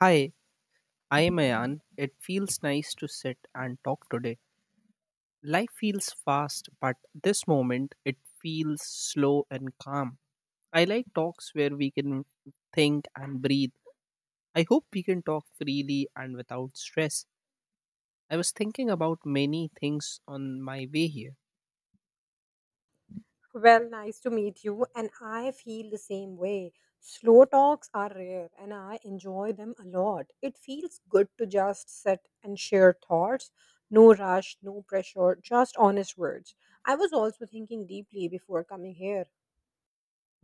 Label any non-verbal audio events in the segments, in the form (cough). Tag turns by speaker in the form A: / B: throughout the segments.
A: Hi, I am Ayan. It feels nice to sit and talk today. Life feels fast, but this moment it feels slow and calm. I like talks where we can think and breathe. I hope we can talk freely and without stress. I was thinking about many things on my way here.
B: Well, nice to meet you, and I feel the same way. Slow talks are rare, and I enjoy them a lot. It feels good to just sit and share thoughts. No rush, no pressure, just honest words. I was also thinking deeply before coming here.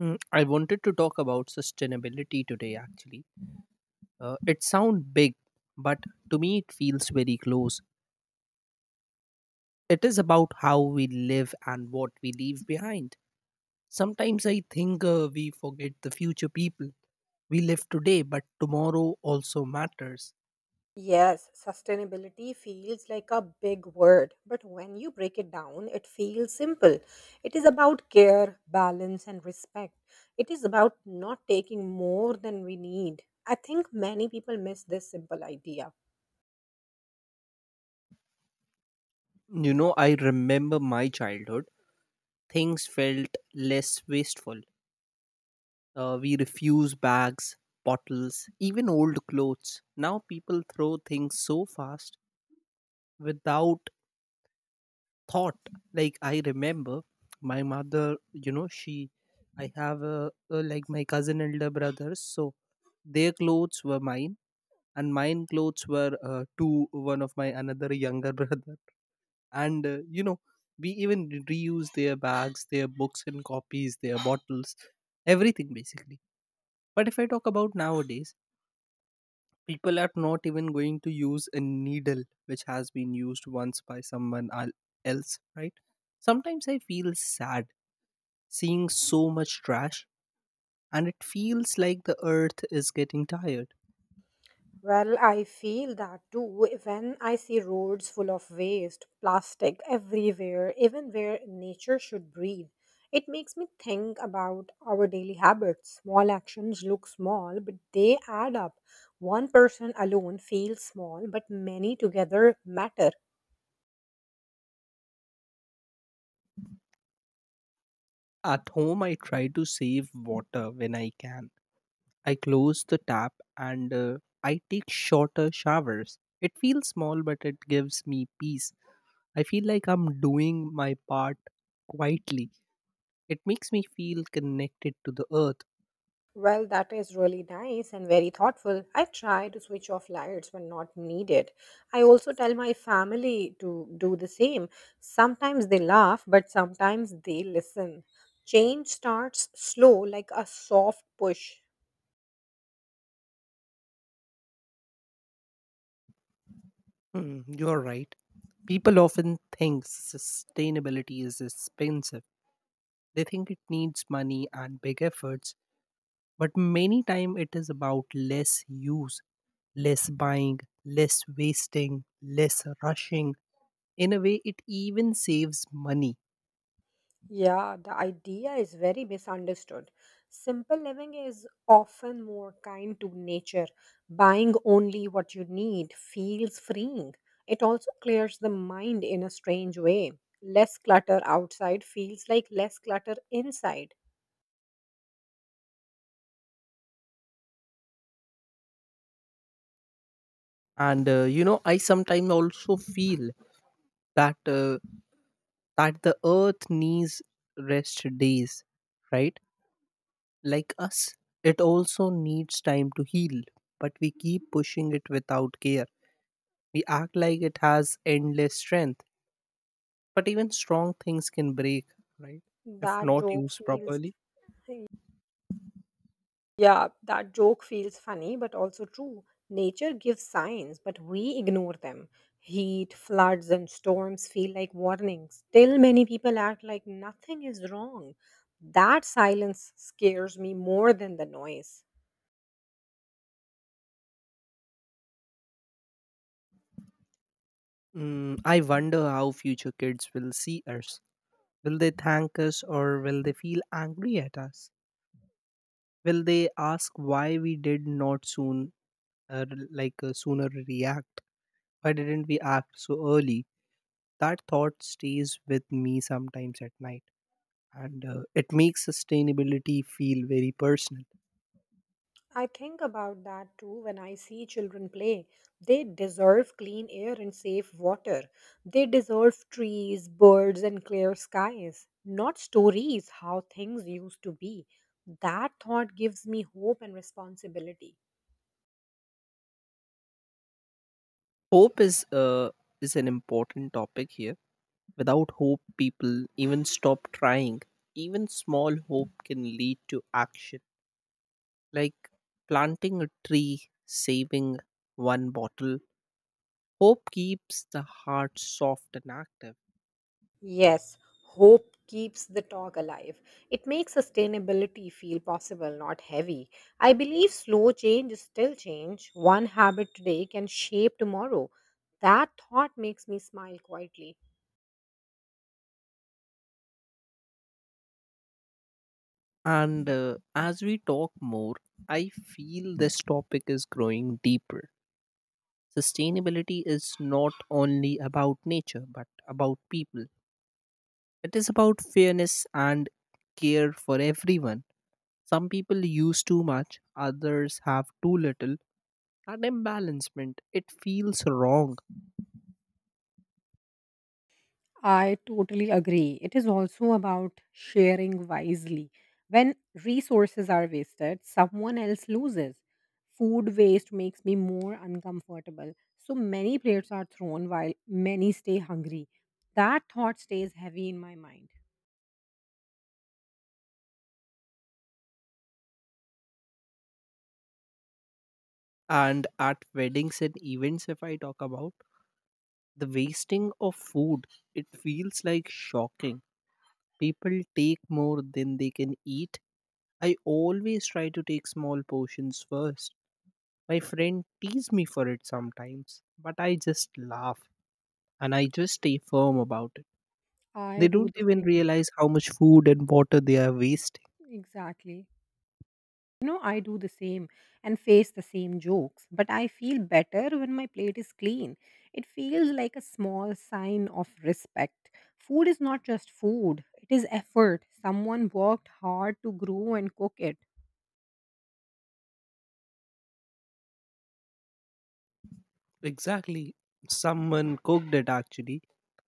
A: Mm, I wanted to talk about sustainability today actually. It sounds big, but to me it feels very close. It is about how we live and what we leave behind. Sometimes I think we forget the future people. We live today, but tomorrow also matters.
B: Yes, sustainability feels like a big word, but when you break it down, it feels simple. It is about care, balance, and respect. It is about not taking more than we need. I think many people miss this simple idea.
A: You know, I remember my childhood. Things felt less wasteful. We refuse bags, bottles, even old clothes. Now people throw things so fast without thought. Like, I remember my mother, you know, she, I have like my cousin elder brothers, so their clothes were mine and mine clothes were to one of my another younger (laughs) brother and you know, we even reuse their bags, their books and copies, their bottles, everything basically. But if I talk about nowadays, people are not even going to use a needle which has been used once by else, right? Sometimes I feel sad seeing so much trash, and it feels like the earth is getting tired.
B: Well, I feel that too when I see roads full of waste, plastic everywhere, even where nature should breathe. It makes me think about our daily habits. Small actions look small, but they add up. One person alone feels small, but many together matter.
A: At home, I try to save water when I can. I close the tap and I take shorter showers. It feels small, but it gives me peace. I feel like I'm doing my part quietly. It makes me feel connected to the earth.
B: Well, that is really nice and very thoughtful. I try to switch off lights when not needed. I also tell my family to do the same. Sometimes they laugh, but sometimes they listen. Change starts slow, like a soft push.
A: Hmm, you're right. People often think sustainability is expensive. They think it needs money and big efforts, but many times it is about less use, less buying, less wasting, less rushing. In a way, it even saves money.
B: Yeah, the idea is very misunderstood. Simple living is often more kind to nature. Buying only what you need feels freeing. It also clears the mind in a strange way. Less clutter outside feels like less clutter inside.
A: And you know, I sometimes also feel that uh, that the earth needs rest days, right? Like us, it also needs time to heal, but we keep pushing it without care. We act like it has endless strength, but even strong things can break, right? If
B: That
A: not
B: joke
A: used
B: feels
A: properly.
B: Yeah, that joke feels funny, but also true. Nature gives signs, but we ignore them. Heat, floods, and storms feel like warnings. Still, many people act like nothing is wrong. That silence scares me more than the noise.
A: Mm, I wonder how future kids will see us. Will they thank us or will they feel angry at us? Will they ask why we did not soon, r- like sooner react? Why didn't we act so early? That thought stays with me sometimes at night. And it makes sustainability feel very personal.
B: I think about that too when I see children play. They deserve clean air and safe water. They deserve trees, birds, and clear skies, not stories how things used to be. That thought gives me hope and responsibility.
A: Hope is is an important topic here. Without hope, people even stop trying. Even small hope can lead to action, like planting a tree, saving one bottle. Hope keeps the heart soft and active.
B: Yes, hope keeps the talk alive. It makes sustainability feel possible, not heavy. I believe slow change is still change. One habit today can shape tomorrow. That thought makes me smile quietly.
A: And as we talk more, I feel this topic is growing deeper. Sustainability is not only about nature but about people. It is about fairness and care for everyone. Some people use too much, others have too little, and imbalancement. It feels wrong.
B: I totally agree. It is also about sharing wisely. When resources are wasted, someone else loses. Food waste makes me more uncomfortable. So many plates are thrown while many stay hungry. That thought stays heavy in my mind.
A: And at weddings and events, if I talk about the wasting of food, it feels like shocking. People take more than they can eat. I always try to take small portions first. My friend tease me for it sometimes, but I just laugh and I just stay firm about it. They
B: I do
A: don't
B: the
A: even
B: same.
A: realize how much food and water they are wasting.
B: Exactly. You know, I do the same and face the same jokes, but I feel better when my plate is clean. It feels like a small sign of respect. Food is not just food, it is effort. Someone worked hard to grow and cook it.
A: Exactly. Someone cooked it actually,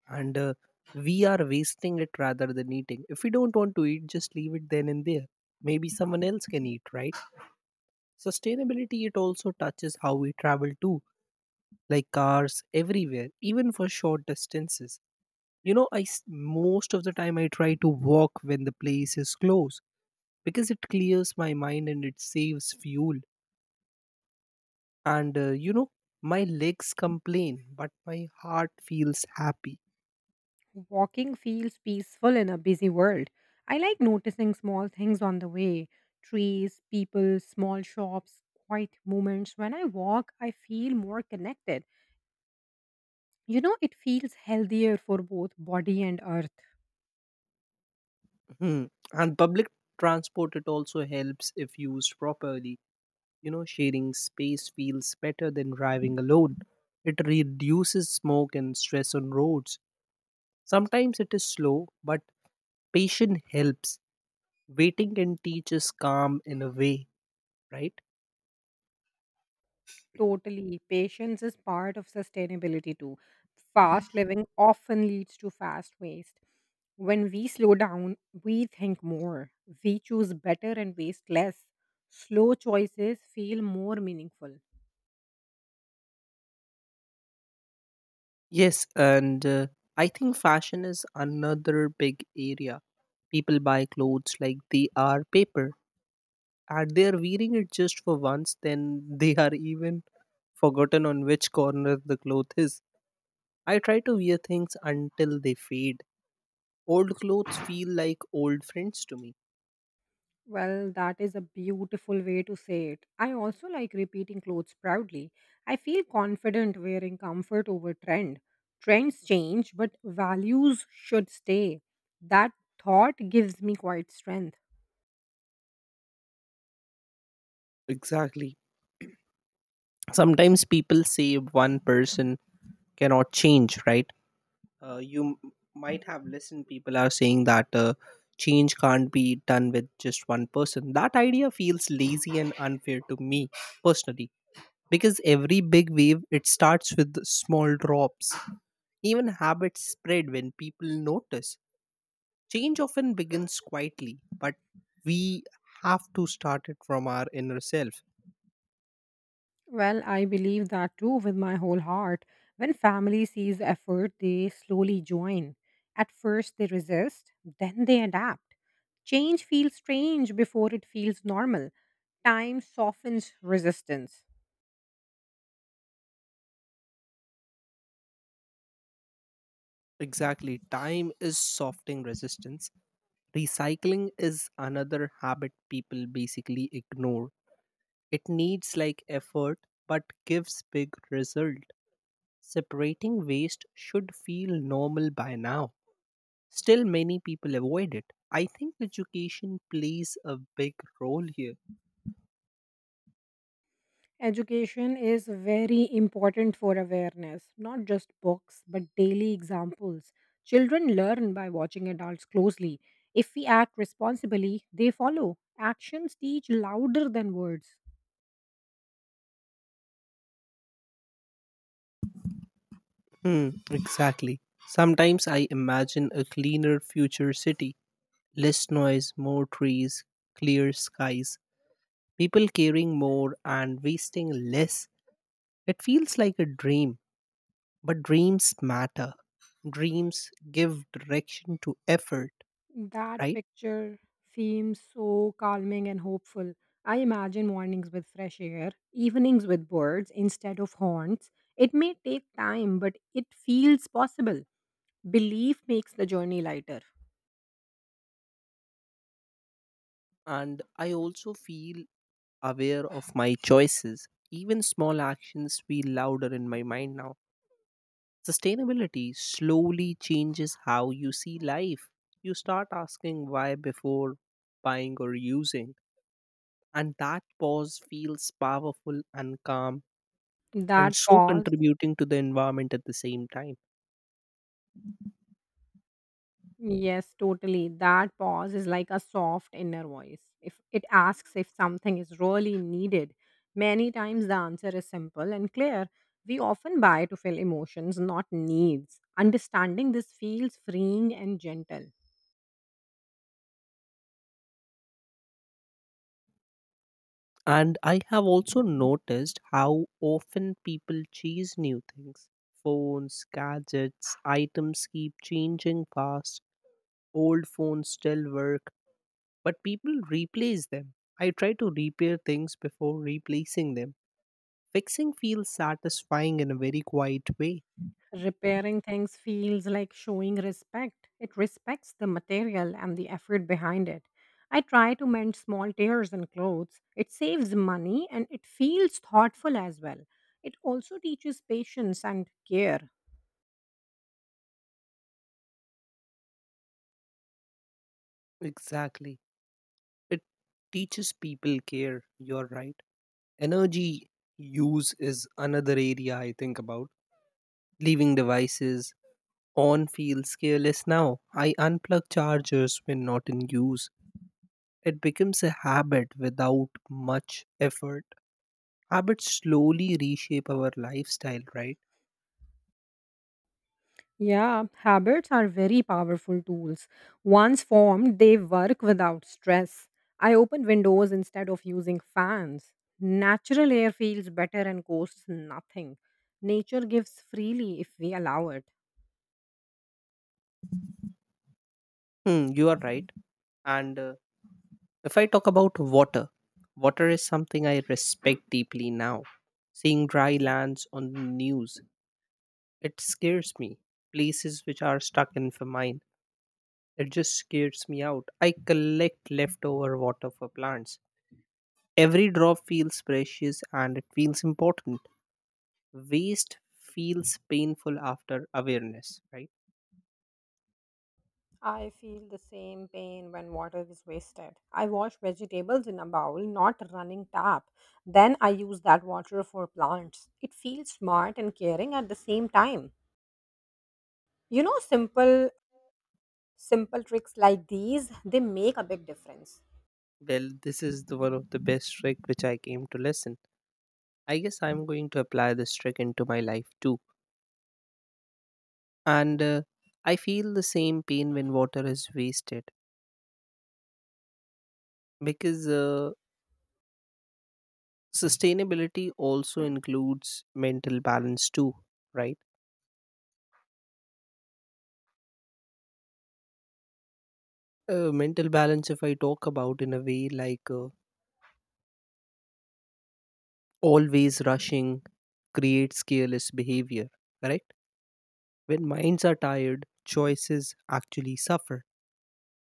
A: and we are wasting it rather than eating. If we don't want to eat, just leave it then and there. Maybe someone else can eat, right? Sustainability, it also touches how we travel too, like cars everywhere, even for short distances. You know, most of the time I try to walk when the place is close, because it clears my mind and it saves fuel. And you know, my legs complain, but my heart feels happy.
B: Walking feels peaceful in a busy world. I like noticing small things on the way: trees, people, small shops, quiet moments. When I walk, I feel more connected. You know, it feels healthier for both body and earth.
A: Hmm. And public transport, it also helps if used properly. You know, sharing space feels better than driving alone. It reduces smoke and stress on roads. Sometimes it is slow, but patience helps. Waiting can teach us calm in a way, right?
B: Totally. Patience is part of sustainability too. Fast living often leads to fast waste. When we slow down, we think more, we choose better and waste less. Slow choices feel more meaningful.
A: Yes, and I think fashion is another big area. People buy clothes like they are paper, and they are wearing it just for once, then (laughs) they are even forgotten on which corner the cloth is. I try to wear things until they fade. Old clothes feel like old friends to me.
B: Well, that is a beautiful way to say it. I also like repeating clothes proudly. I feel confident wearing comfort over trend. Trends change, but values should stay. That thought gives me quite strength.
A: Exactly. Sometimes people say one person cannot change, right? You might have listened, people are saying that change can't be done with just one person. That idea feels lazy and unfair to me personally, because every big wave it starts with small drops. Even habits spread when people notice. Change often begins quietly, but we have to start it from our inner self.
B: Well, I believe that too with my whole heart. When family sees the effort, they slowly join. At first, they resist, then they adapt. Change feels strange before it feels normal. Time softens resistance.
A: Exactly. Time is softening resistance. Recycling is another habit people basically ignore. It needs like effort but gives big result. Separating waste should feel normal by now. Still many people avoid it. I think education plays a big role here.
B: Education is very important for awareness, not just books, but daily examples. Children learn by watching adults closely. If we act responsibly, they follow. Actions teach louder than words.
A: Hmm, exactly. Sometimes I imagine a cleaner future city. Less noise, more trees, clear skies. People caring more and wasting less. It feels like a dream, but dreams matter. Dreams give direction to effort,
B: That
A: right?
B: picture seems so calming and hopeful. I imagine mornings with fresh air, evenings with birds instead of horns. It may take time, but it feels possible. Belief makes the journey lighter.
A: And I also feel aware of my choices. Even small actions feel louder in my mind now. Sustainability slowly changes how you see life. You start asking why before buying or using, and that pause feels powerful and calm, and
B: That
A: so
B: pause
A: contributing to the environment at the same time.
B: Yes, totally. That pause is like a soft inner voice. If it asks if something is really needed, many times the answer is simple and clear. We often buy to fill emotions, not needs. Understanding this feels freeing and gentle.
A: And I have also noticed how often people chase new things. Phones, gadgets, items keep changing fast. Old phones still work, but people replace them. I try to repair things before replacing them. Fixing feels satisfying in a very quiet way.
B: Repairing things feels like showing respect. It respects the material and the effort behind it. I try to mend small tears in clothes. It saves money and it feels thoughtful as well. It also teaches patience and care.
A: Exactly. It teaches people care. You're right. Energy use is another area I think about. Leaving devices on feels careless now. I unplug chargers when not in use. It becomes a habit without much effort. Habits slowly reshape our lifestyle, right?
B: Yeah, habits are very powerful tools. Once formed, they work without stress. I open windows instead of using fans. Natural air feels better and costs nothing. Nature gives freely if we allow it.
A: Hmm, you are right. And if I talk about water, water is something I respect deeply now. Seeing dry lands on the news, it scares me. Places which are stuck in for mine. It just scares me out. I collect leftover water for plants. Every drop feels precious and it feels important. Waste feels painful after awareness, right?
B: I feel the same pain when water is wasted. I wash vegetables in a bowl, not a running tap. Then I use that water for plants. It feels smart and caring at the same time. You know, simple tricks like these, they make a big difference.
A: Well, this is the one of the best trick which I came to listen. I guess I'm going to apply this trick into my life too. And I feel the same pain when water is wasted, because sustainability also includes mental balance too, right? Mental balance, if I talk about in a way like always rushing, creates careless behavior, correct? When minds are tired, choices actually suffer.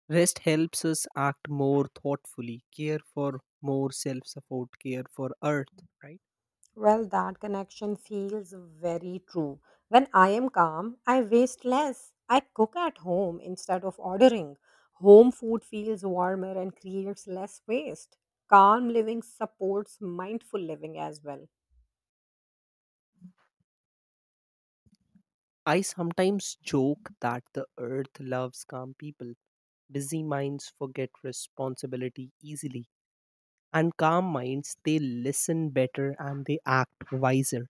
A: Rest helps us act more thoughtfully, care for more self support, care for earth, right?
B: Well, that connection feels very true. When I am calm, I waste less. I cook at home instead of ordering. Home food feels warmer and creates less waste. Calm living supports mindful living as well.
A: I sometimes joke that the earth loves calm people. Busy minds forget responsibility easily, and calm minds they listen better and they act wiser.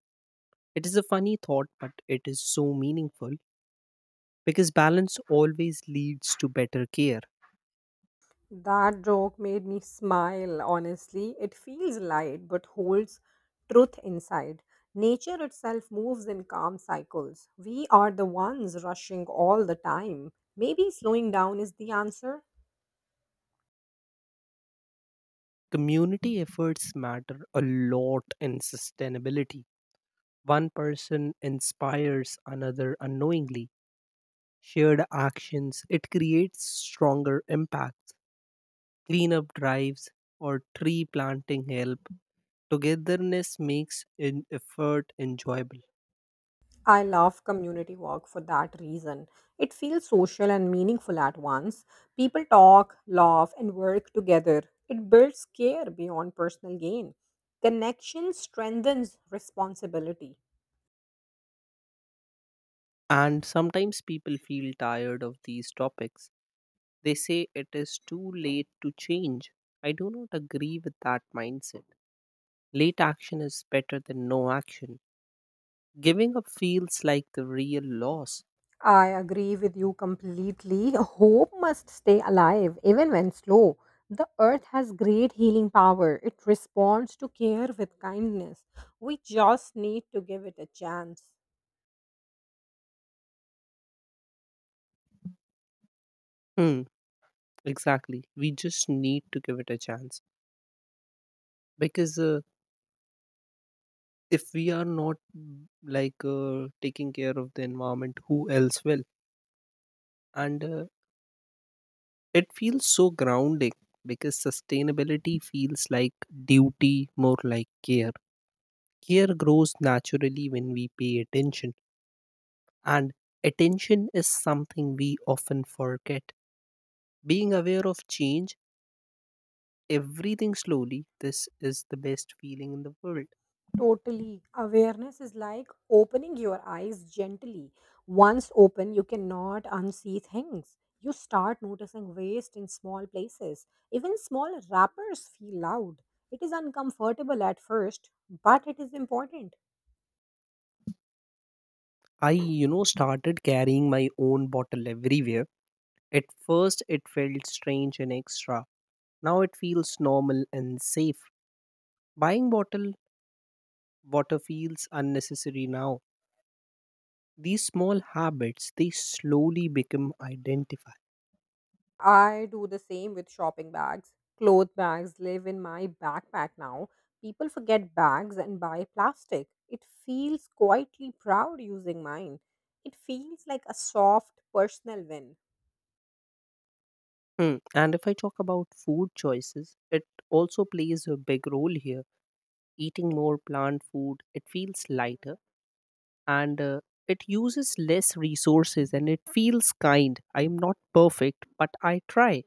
A: It is a funny thought but it is so meaningful, because balance always leads to better care.
B: That joke made me smile, honestly. It feels light but holds truth inside. Nature itself moves in calm cycles. We are the ones rushing all the time. Maybe slowing down is the answer.
A: Community efforts matter a lot in sustainability. One person inspires another unknowingly. Shared actions, it creates stronger impacts. Cleanup drives or tree planting help. Togetherness makes an effort enjoyable.
B: I love community work for that reason. It feels social and meaningful at once. People talk, laugh, and work together. It builds care beyond personal gain. Connection strengthens responsibility.
A: And sometimes people feel tired of these topics. They say it is too late to change. I do not agree with that mindset. Late action is better than no action. Giving up feels like the real loss.
B: I agree with you completely. (laughs) Hope must stay alive, even when slow. The earth has great healing power. It responds to care with kindness. We just need to give it a chance.
A: Hmm, exactly. We just need to give it a chance, because if we are not taking care of the environment, who else will? And it feels so grounding, because sustainability feels like duty more like care. Care grows naturally when we pay attention, and attention is something we often forget. Being aware of change, everything slowly, this is the best feeling in the world.
B: Totally. Awareness is like opening your eyes gently. Once open, you cannot unsee things. You start noticing waste in small places. Even small wrappers feel loud. It is uncomfortable at first, but it is important.
A: I, you know, started carrying my own bottle everywhere. At first, it felt strange and extra. Now it feels normal and safe. Buying bottle water feels unnecessary now. These small habits, they slowly become identified.
B: I do the same with shopping bags. Cloth bags live in my backpack now. People forget bags and buy plastic. It feels quietly proud using mine. It feels like a soft personal win.
A: Hmm. And if I talk about food choices, it also plays a big role here. Eating more plant food, it feels lighter, and it uses less resources and it feels kind. I'm not perfect, but I try.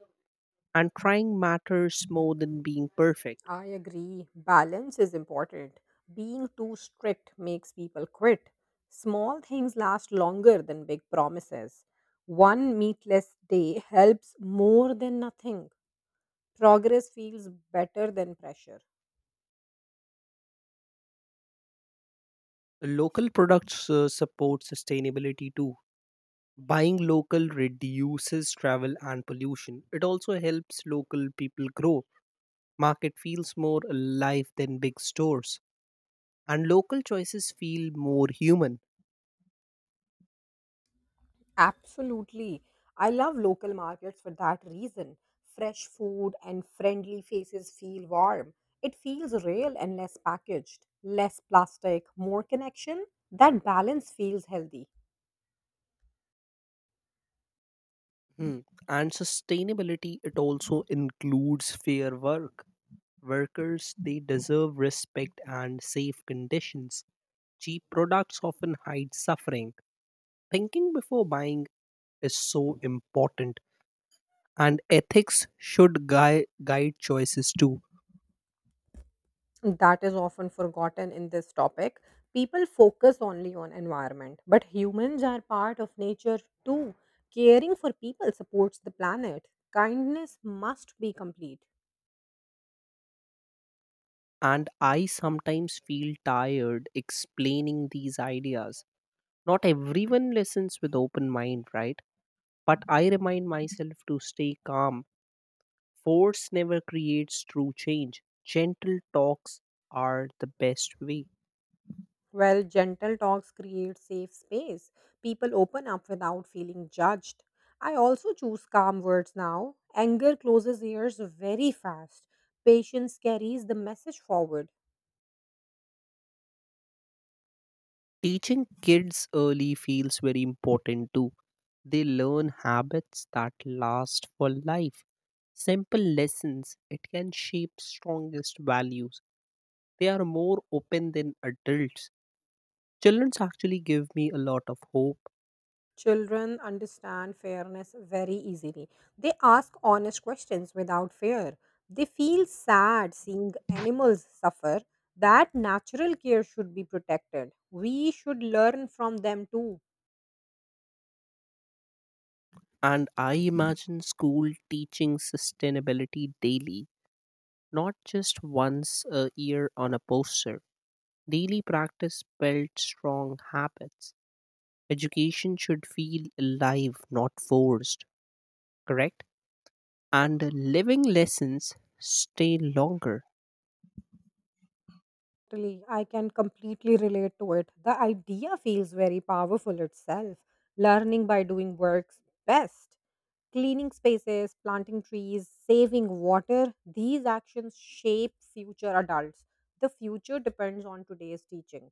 A: And trying matters more than being perfect.
B: I agree. Balance is important. Being too strict makes people quit. Small things last longer than big promises. One meatless day helps more than nothing. Progress feels better than pressure.
A: Local products support sustainability too. Buying local reduces travel and pollution. It also helps local people grow. Market feels more alive than big stores, and local choices feel more human.
B: Absolutely. I love local markets for that reason. Fresh food and friendly faces feel warm. It feels real and less packaged. Less plastic, more connection. That balance feels healthy.
A: Hmm. And sustainability, it also includes fair work. Workers, they deserve respect and safe conditions. Cheap products often hide suffering. Thinking before buying is so important, and ethics should guide choices too.
B: That is often forgotten in this topic. People focus only on environment, but humans are part of nature too. Caring for people supports the planet. Kindness must be complete.
A: And I sometimes feel tired explaining these ideas. Not everyone listens with open mind, right? But I remind myself to stay calm. Force never creates true change. Gentle talks are the best way.
B: Well, gentle talks create safe space. People open up without feeling judged. I also choose calm words now. Anger closes ears very fast. Patience carries the message forward.
A: Teaching kids early feels very important too. They learn habits that last for life. Simple lessons, it can shape strongest values. They are more open than adults. Childrens actually give me a lot of hope,
B: Children understand fairness very easily. They ask honest questions without fear. They feel sad seeing animals suffer. That natural care should be protected. We should learn from them too.
A: and I imagine school teaching sustainability daily, not just once a year on a poster. Daily practice builds strong habits. Education should feel alive, not forced, correct? And living lessons stay longer.
B: Totally, I can completely relate to it. The idea feels very powerful itself. Learning by doing works best. Cleaning spaces, planting trees, saving water, these actions shape future adults. The future depends on today's teaching.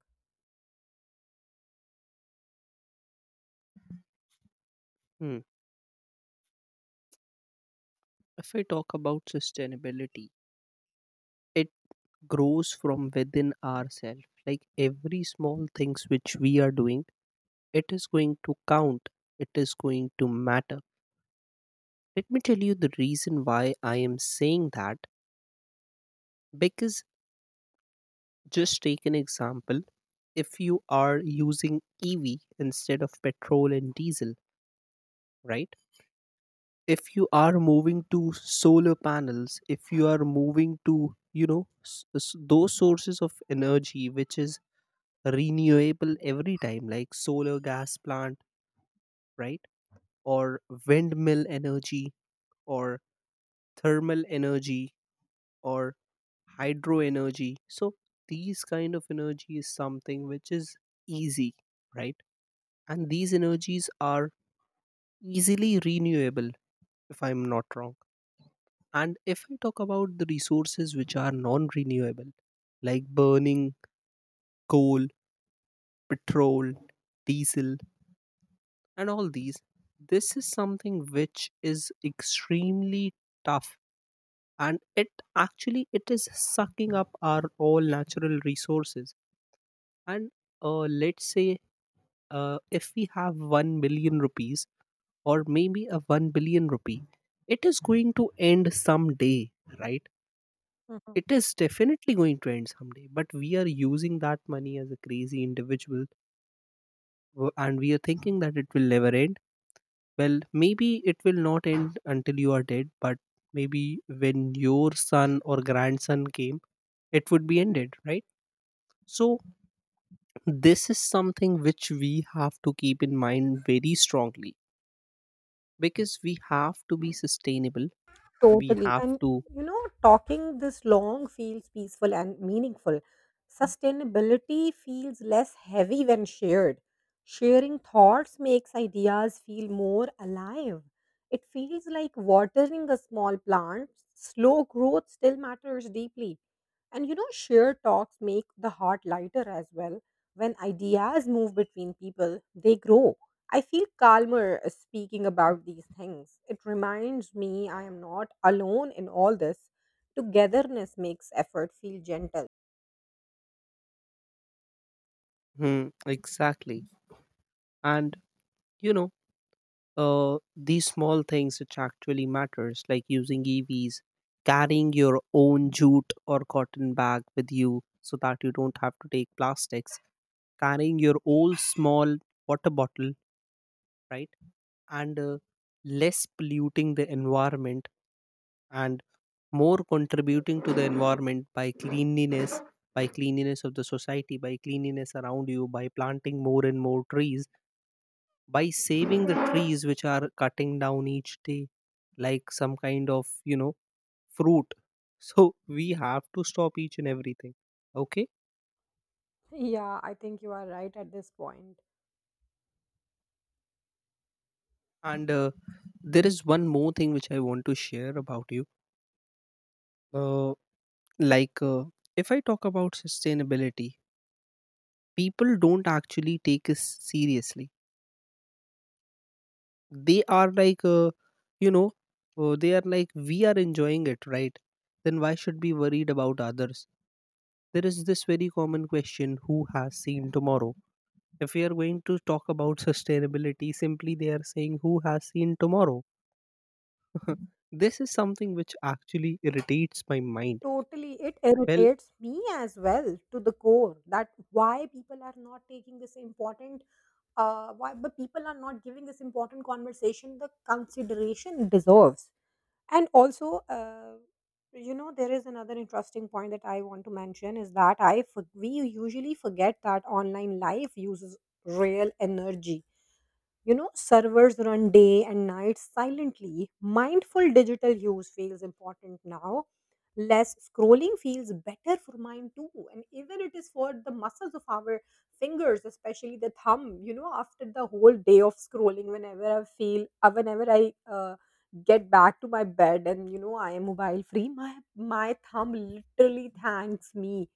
A: Hmm. If I talk about sustainability, it grows from within ourselves. Like every small things which we are doing, it is going to count. It is going to matter. Let me tell you the reason why I am saying that. Because just take an example. If you are using EV instead of petrol and diesel, right? If you are moving to solar panels, if you are moving to, you know, those sources of energy which is renewable every time, like solar gas plant, right? Or windmill energy, or thermal energy, or hydro energy. So these kind of energy is something which is easy, right? And these energies are easily renewable, if I'm not wrong. And if I talk about the resources which are non renewable, like burning coal, petrol, diesel, and all these, this is something which is extremely tough, and it actually it is sucking up our all natural resources, and let's say, if we have 1 billion rupees or maybe a 1 billion rupee, it is going to end someday, right?
B: Mhm.
A: It is definitely going to end someday, but we are using that money as a crazy individual, and we are thinking that it will never end. Well, maybe it will not end until you are dead, but maybe when your son or grandson came, it would be ended, right? So, this is something which we have to keep in mind very strongly, because we have to be sustainable. We
B: Totally.
A: have
B: And
A: to.
B: you know, talking this long feels peaceful and meaningful. Sustainability feels less heavy when shared. Sharing thoughts makes ideas feel more alive. It feels like watering a small plant. Slow growth still matters deeply. And you know, shared talks make the heart lighter as well. When ideas move between people, they grow. I feel calmer speaking about these things. It reminds me I am not alone in all this. Togetherness makes effort feel gentle.
A: Hmm, exactly. And, you know, these small things which actually matters, like using evs, carrying your own jute or cotton bag with you so that you don't have to take plastics, carrying your old small water bottle, right? And less polluting the environment, and more contributing to the environment by cleanliness, by cleanliness of the society, by cleanliness around you, by planting more and more trees, by saving the trees which are cutting down each day, like some kind of, you know, fruit. (laughs) So we have to stop each and everything, okay?
B: Yeah, I think you are right at this point.
A: And there is one more thing which I want to share about you. uh, like, if I talk about sustainability, people don't actually take us seriously. They are like, you know, they are like, we are enjoying it, right? Then why should be worried about others? There is this very common question, who has seen tomorrow? If we are going to talk about (laughs) sustainability, simply they are saying, who has seen tomorrow? (laughs) This is something which actually irritates my mind.
B: Totally, it
A: Well,
B: irritates me as well to the core that why people are not taking this important, why but people are not giving this important conversation the consideration it deserves. And also, you know, there is another interesting point that I want to mention is that we usually forget that online life uses real energy. You know, servers run day and night silently. Mindful digital use feels important now. Less scrolling feels better for mine too. And even it is for the muscles of our fingers, especially the thumb. You know, after the whole day of scrolling, whenever I get back to my bed and, you know, I am mobile free, my thumb literally thanks me.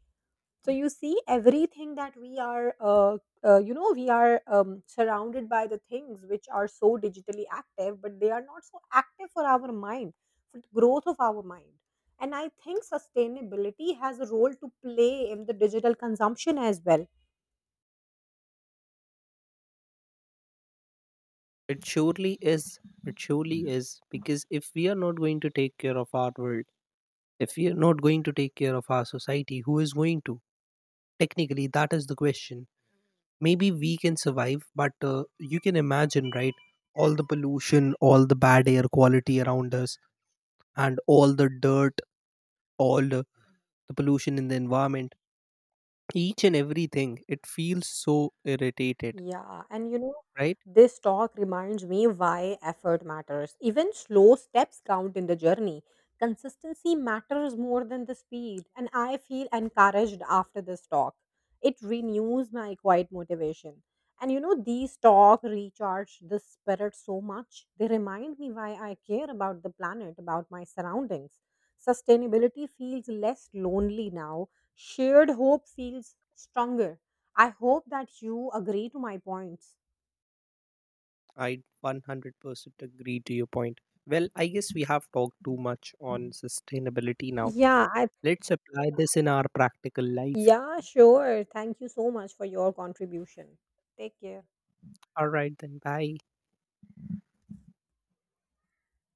B: So you see, everything that we are you know we are surrounded by, the things which are so digitally active, but they are not so active for our mind, for the growth of our mind. And I think sustainability has a role to play in the digital consumption as well.
A: it surely is, it surely is. Because if we are not going to take care of our world, if we are not going to take care of our society, who is going to? Technically that is the question. Maybe we can survive, but you can imagine, right? All the pollution, all the bad air quality around us, and all the dirt, all the pollution in the environment, each and everything, it feels so irritated,
B: Yeah, and you know,
A: right?
B: this talk reminds me why effort matters. Even slow steps count in the journey. Consistency matters more than the speed, and I feel encouraged after this talk. It renews my quiet motivation. And you know, these talk recharge the spirit so much. They remind me why I care about the planet, about my surroundings. Sustainability feels less lonely now. Shared hope feels stronger. I hope that you agree to my points.
A: I 100% agree to your point. Well, I guess we have talked too much on sustainability now.
B: Yeah, I,
A: Let's apply this in our practical life.
B: yeah, sure. Thank you so much for your contribution. Take care.
A: All right, then, bye.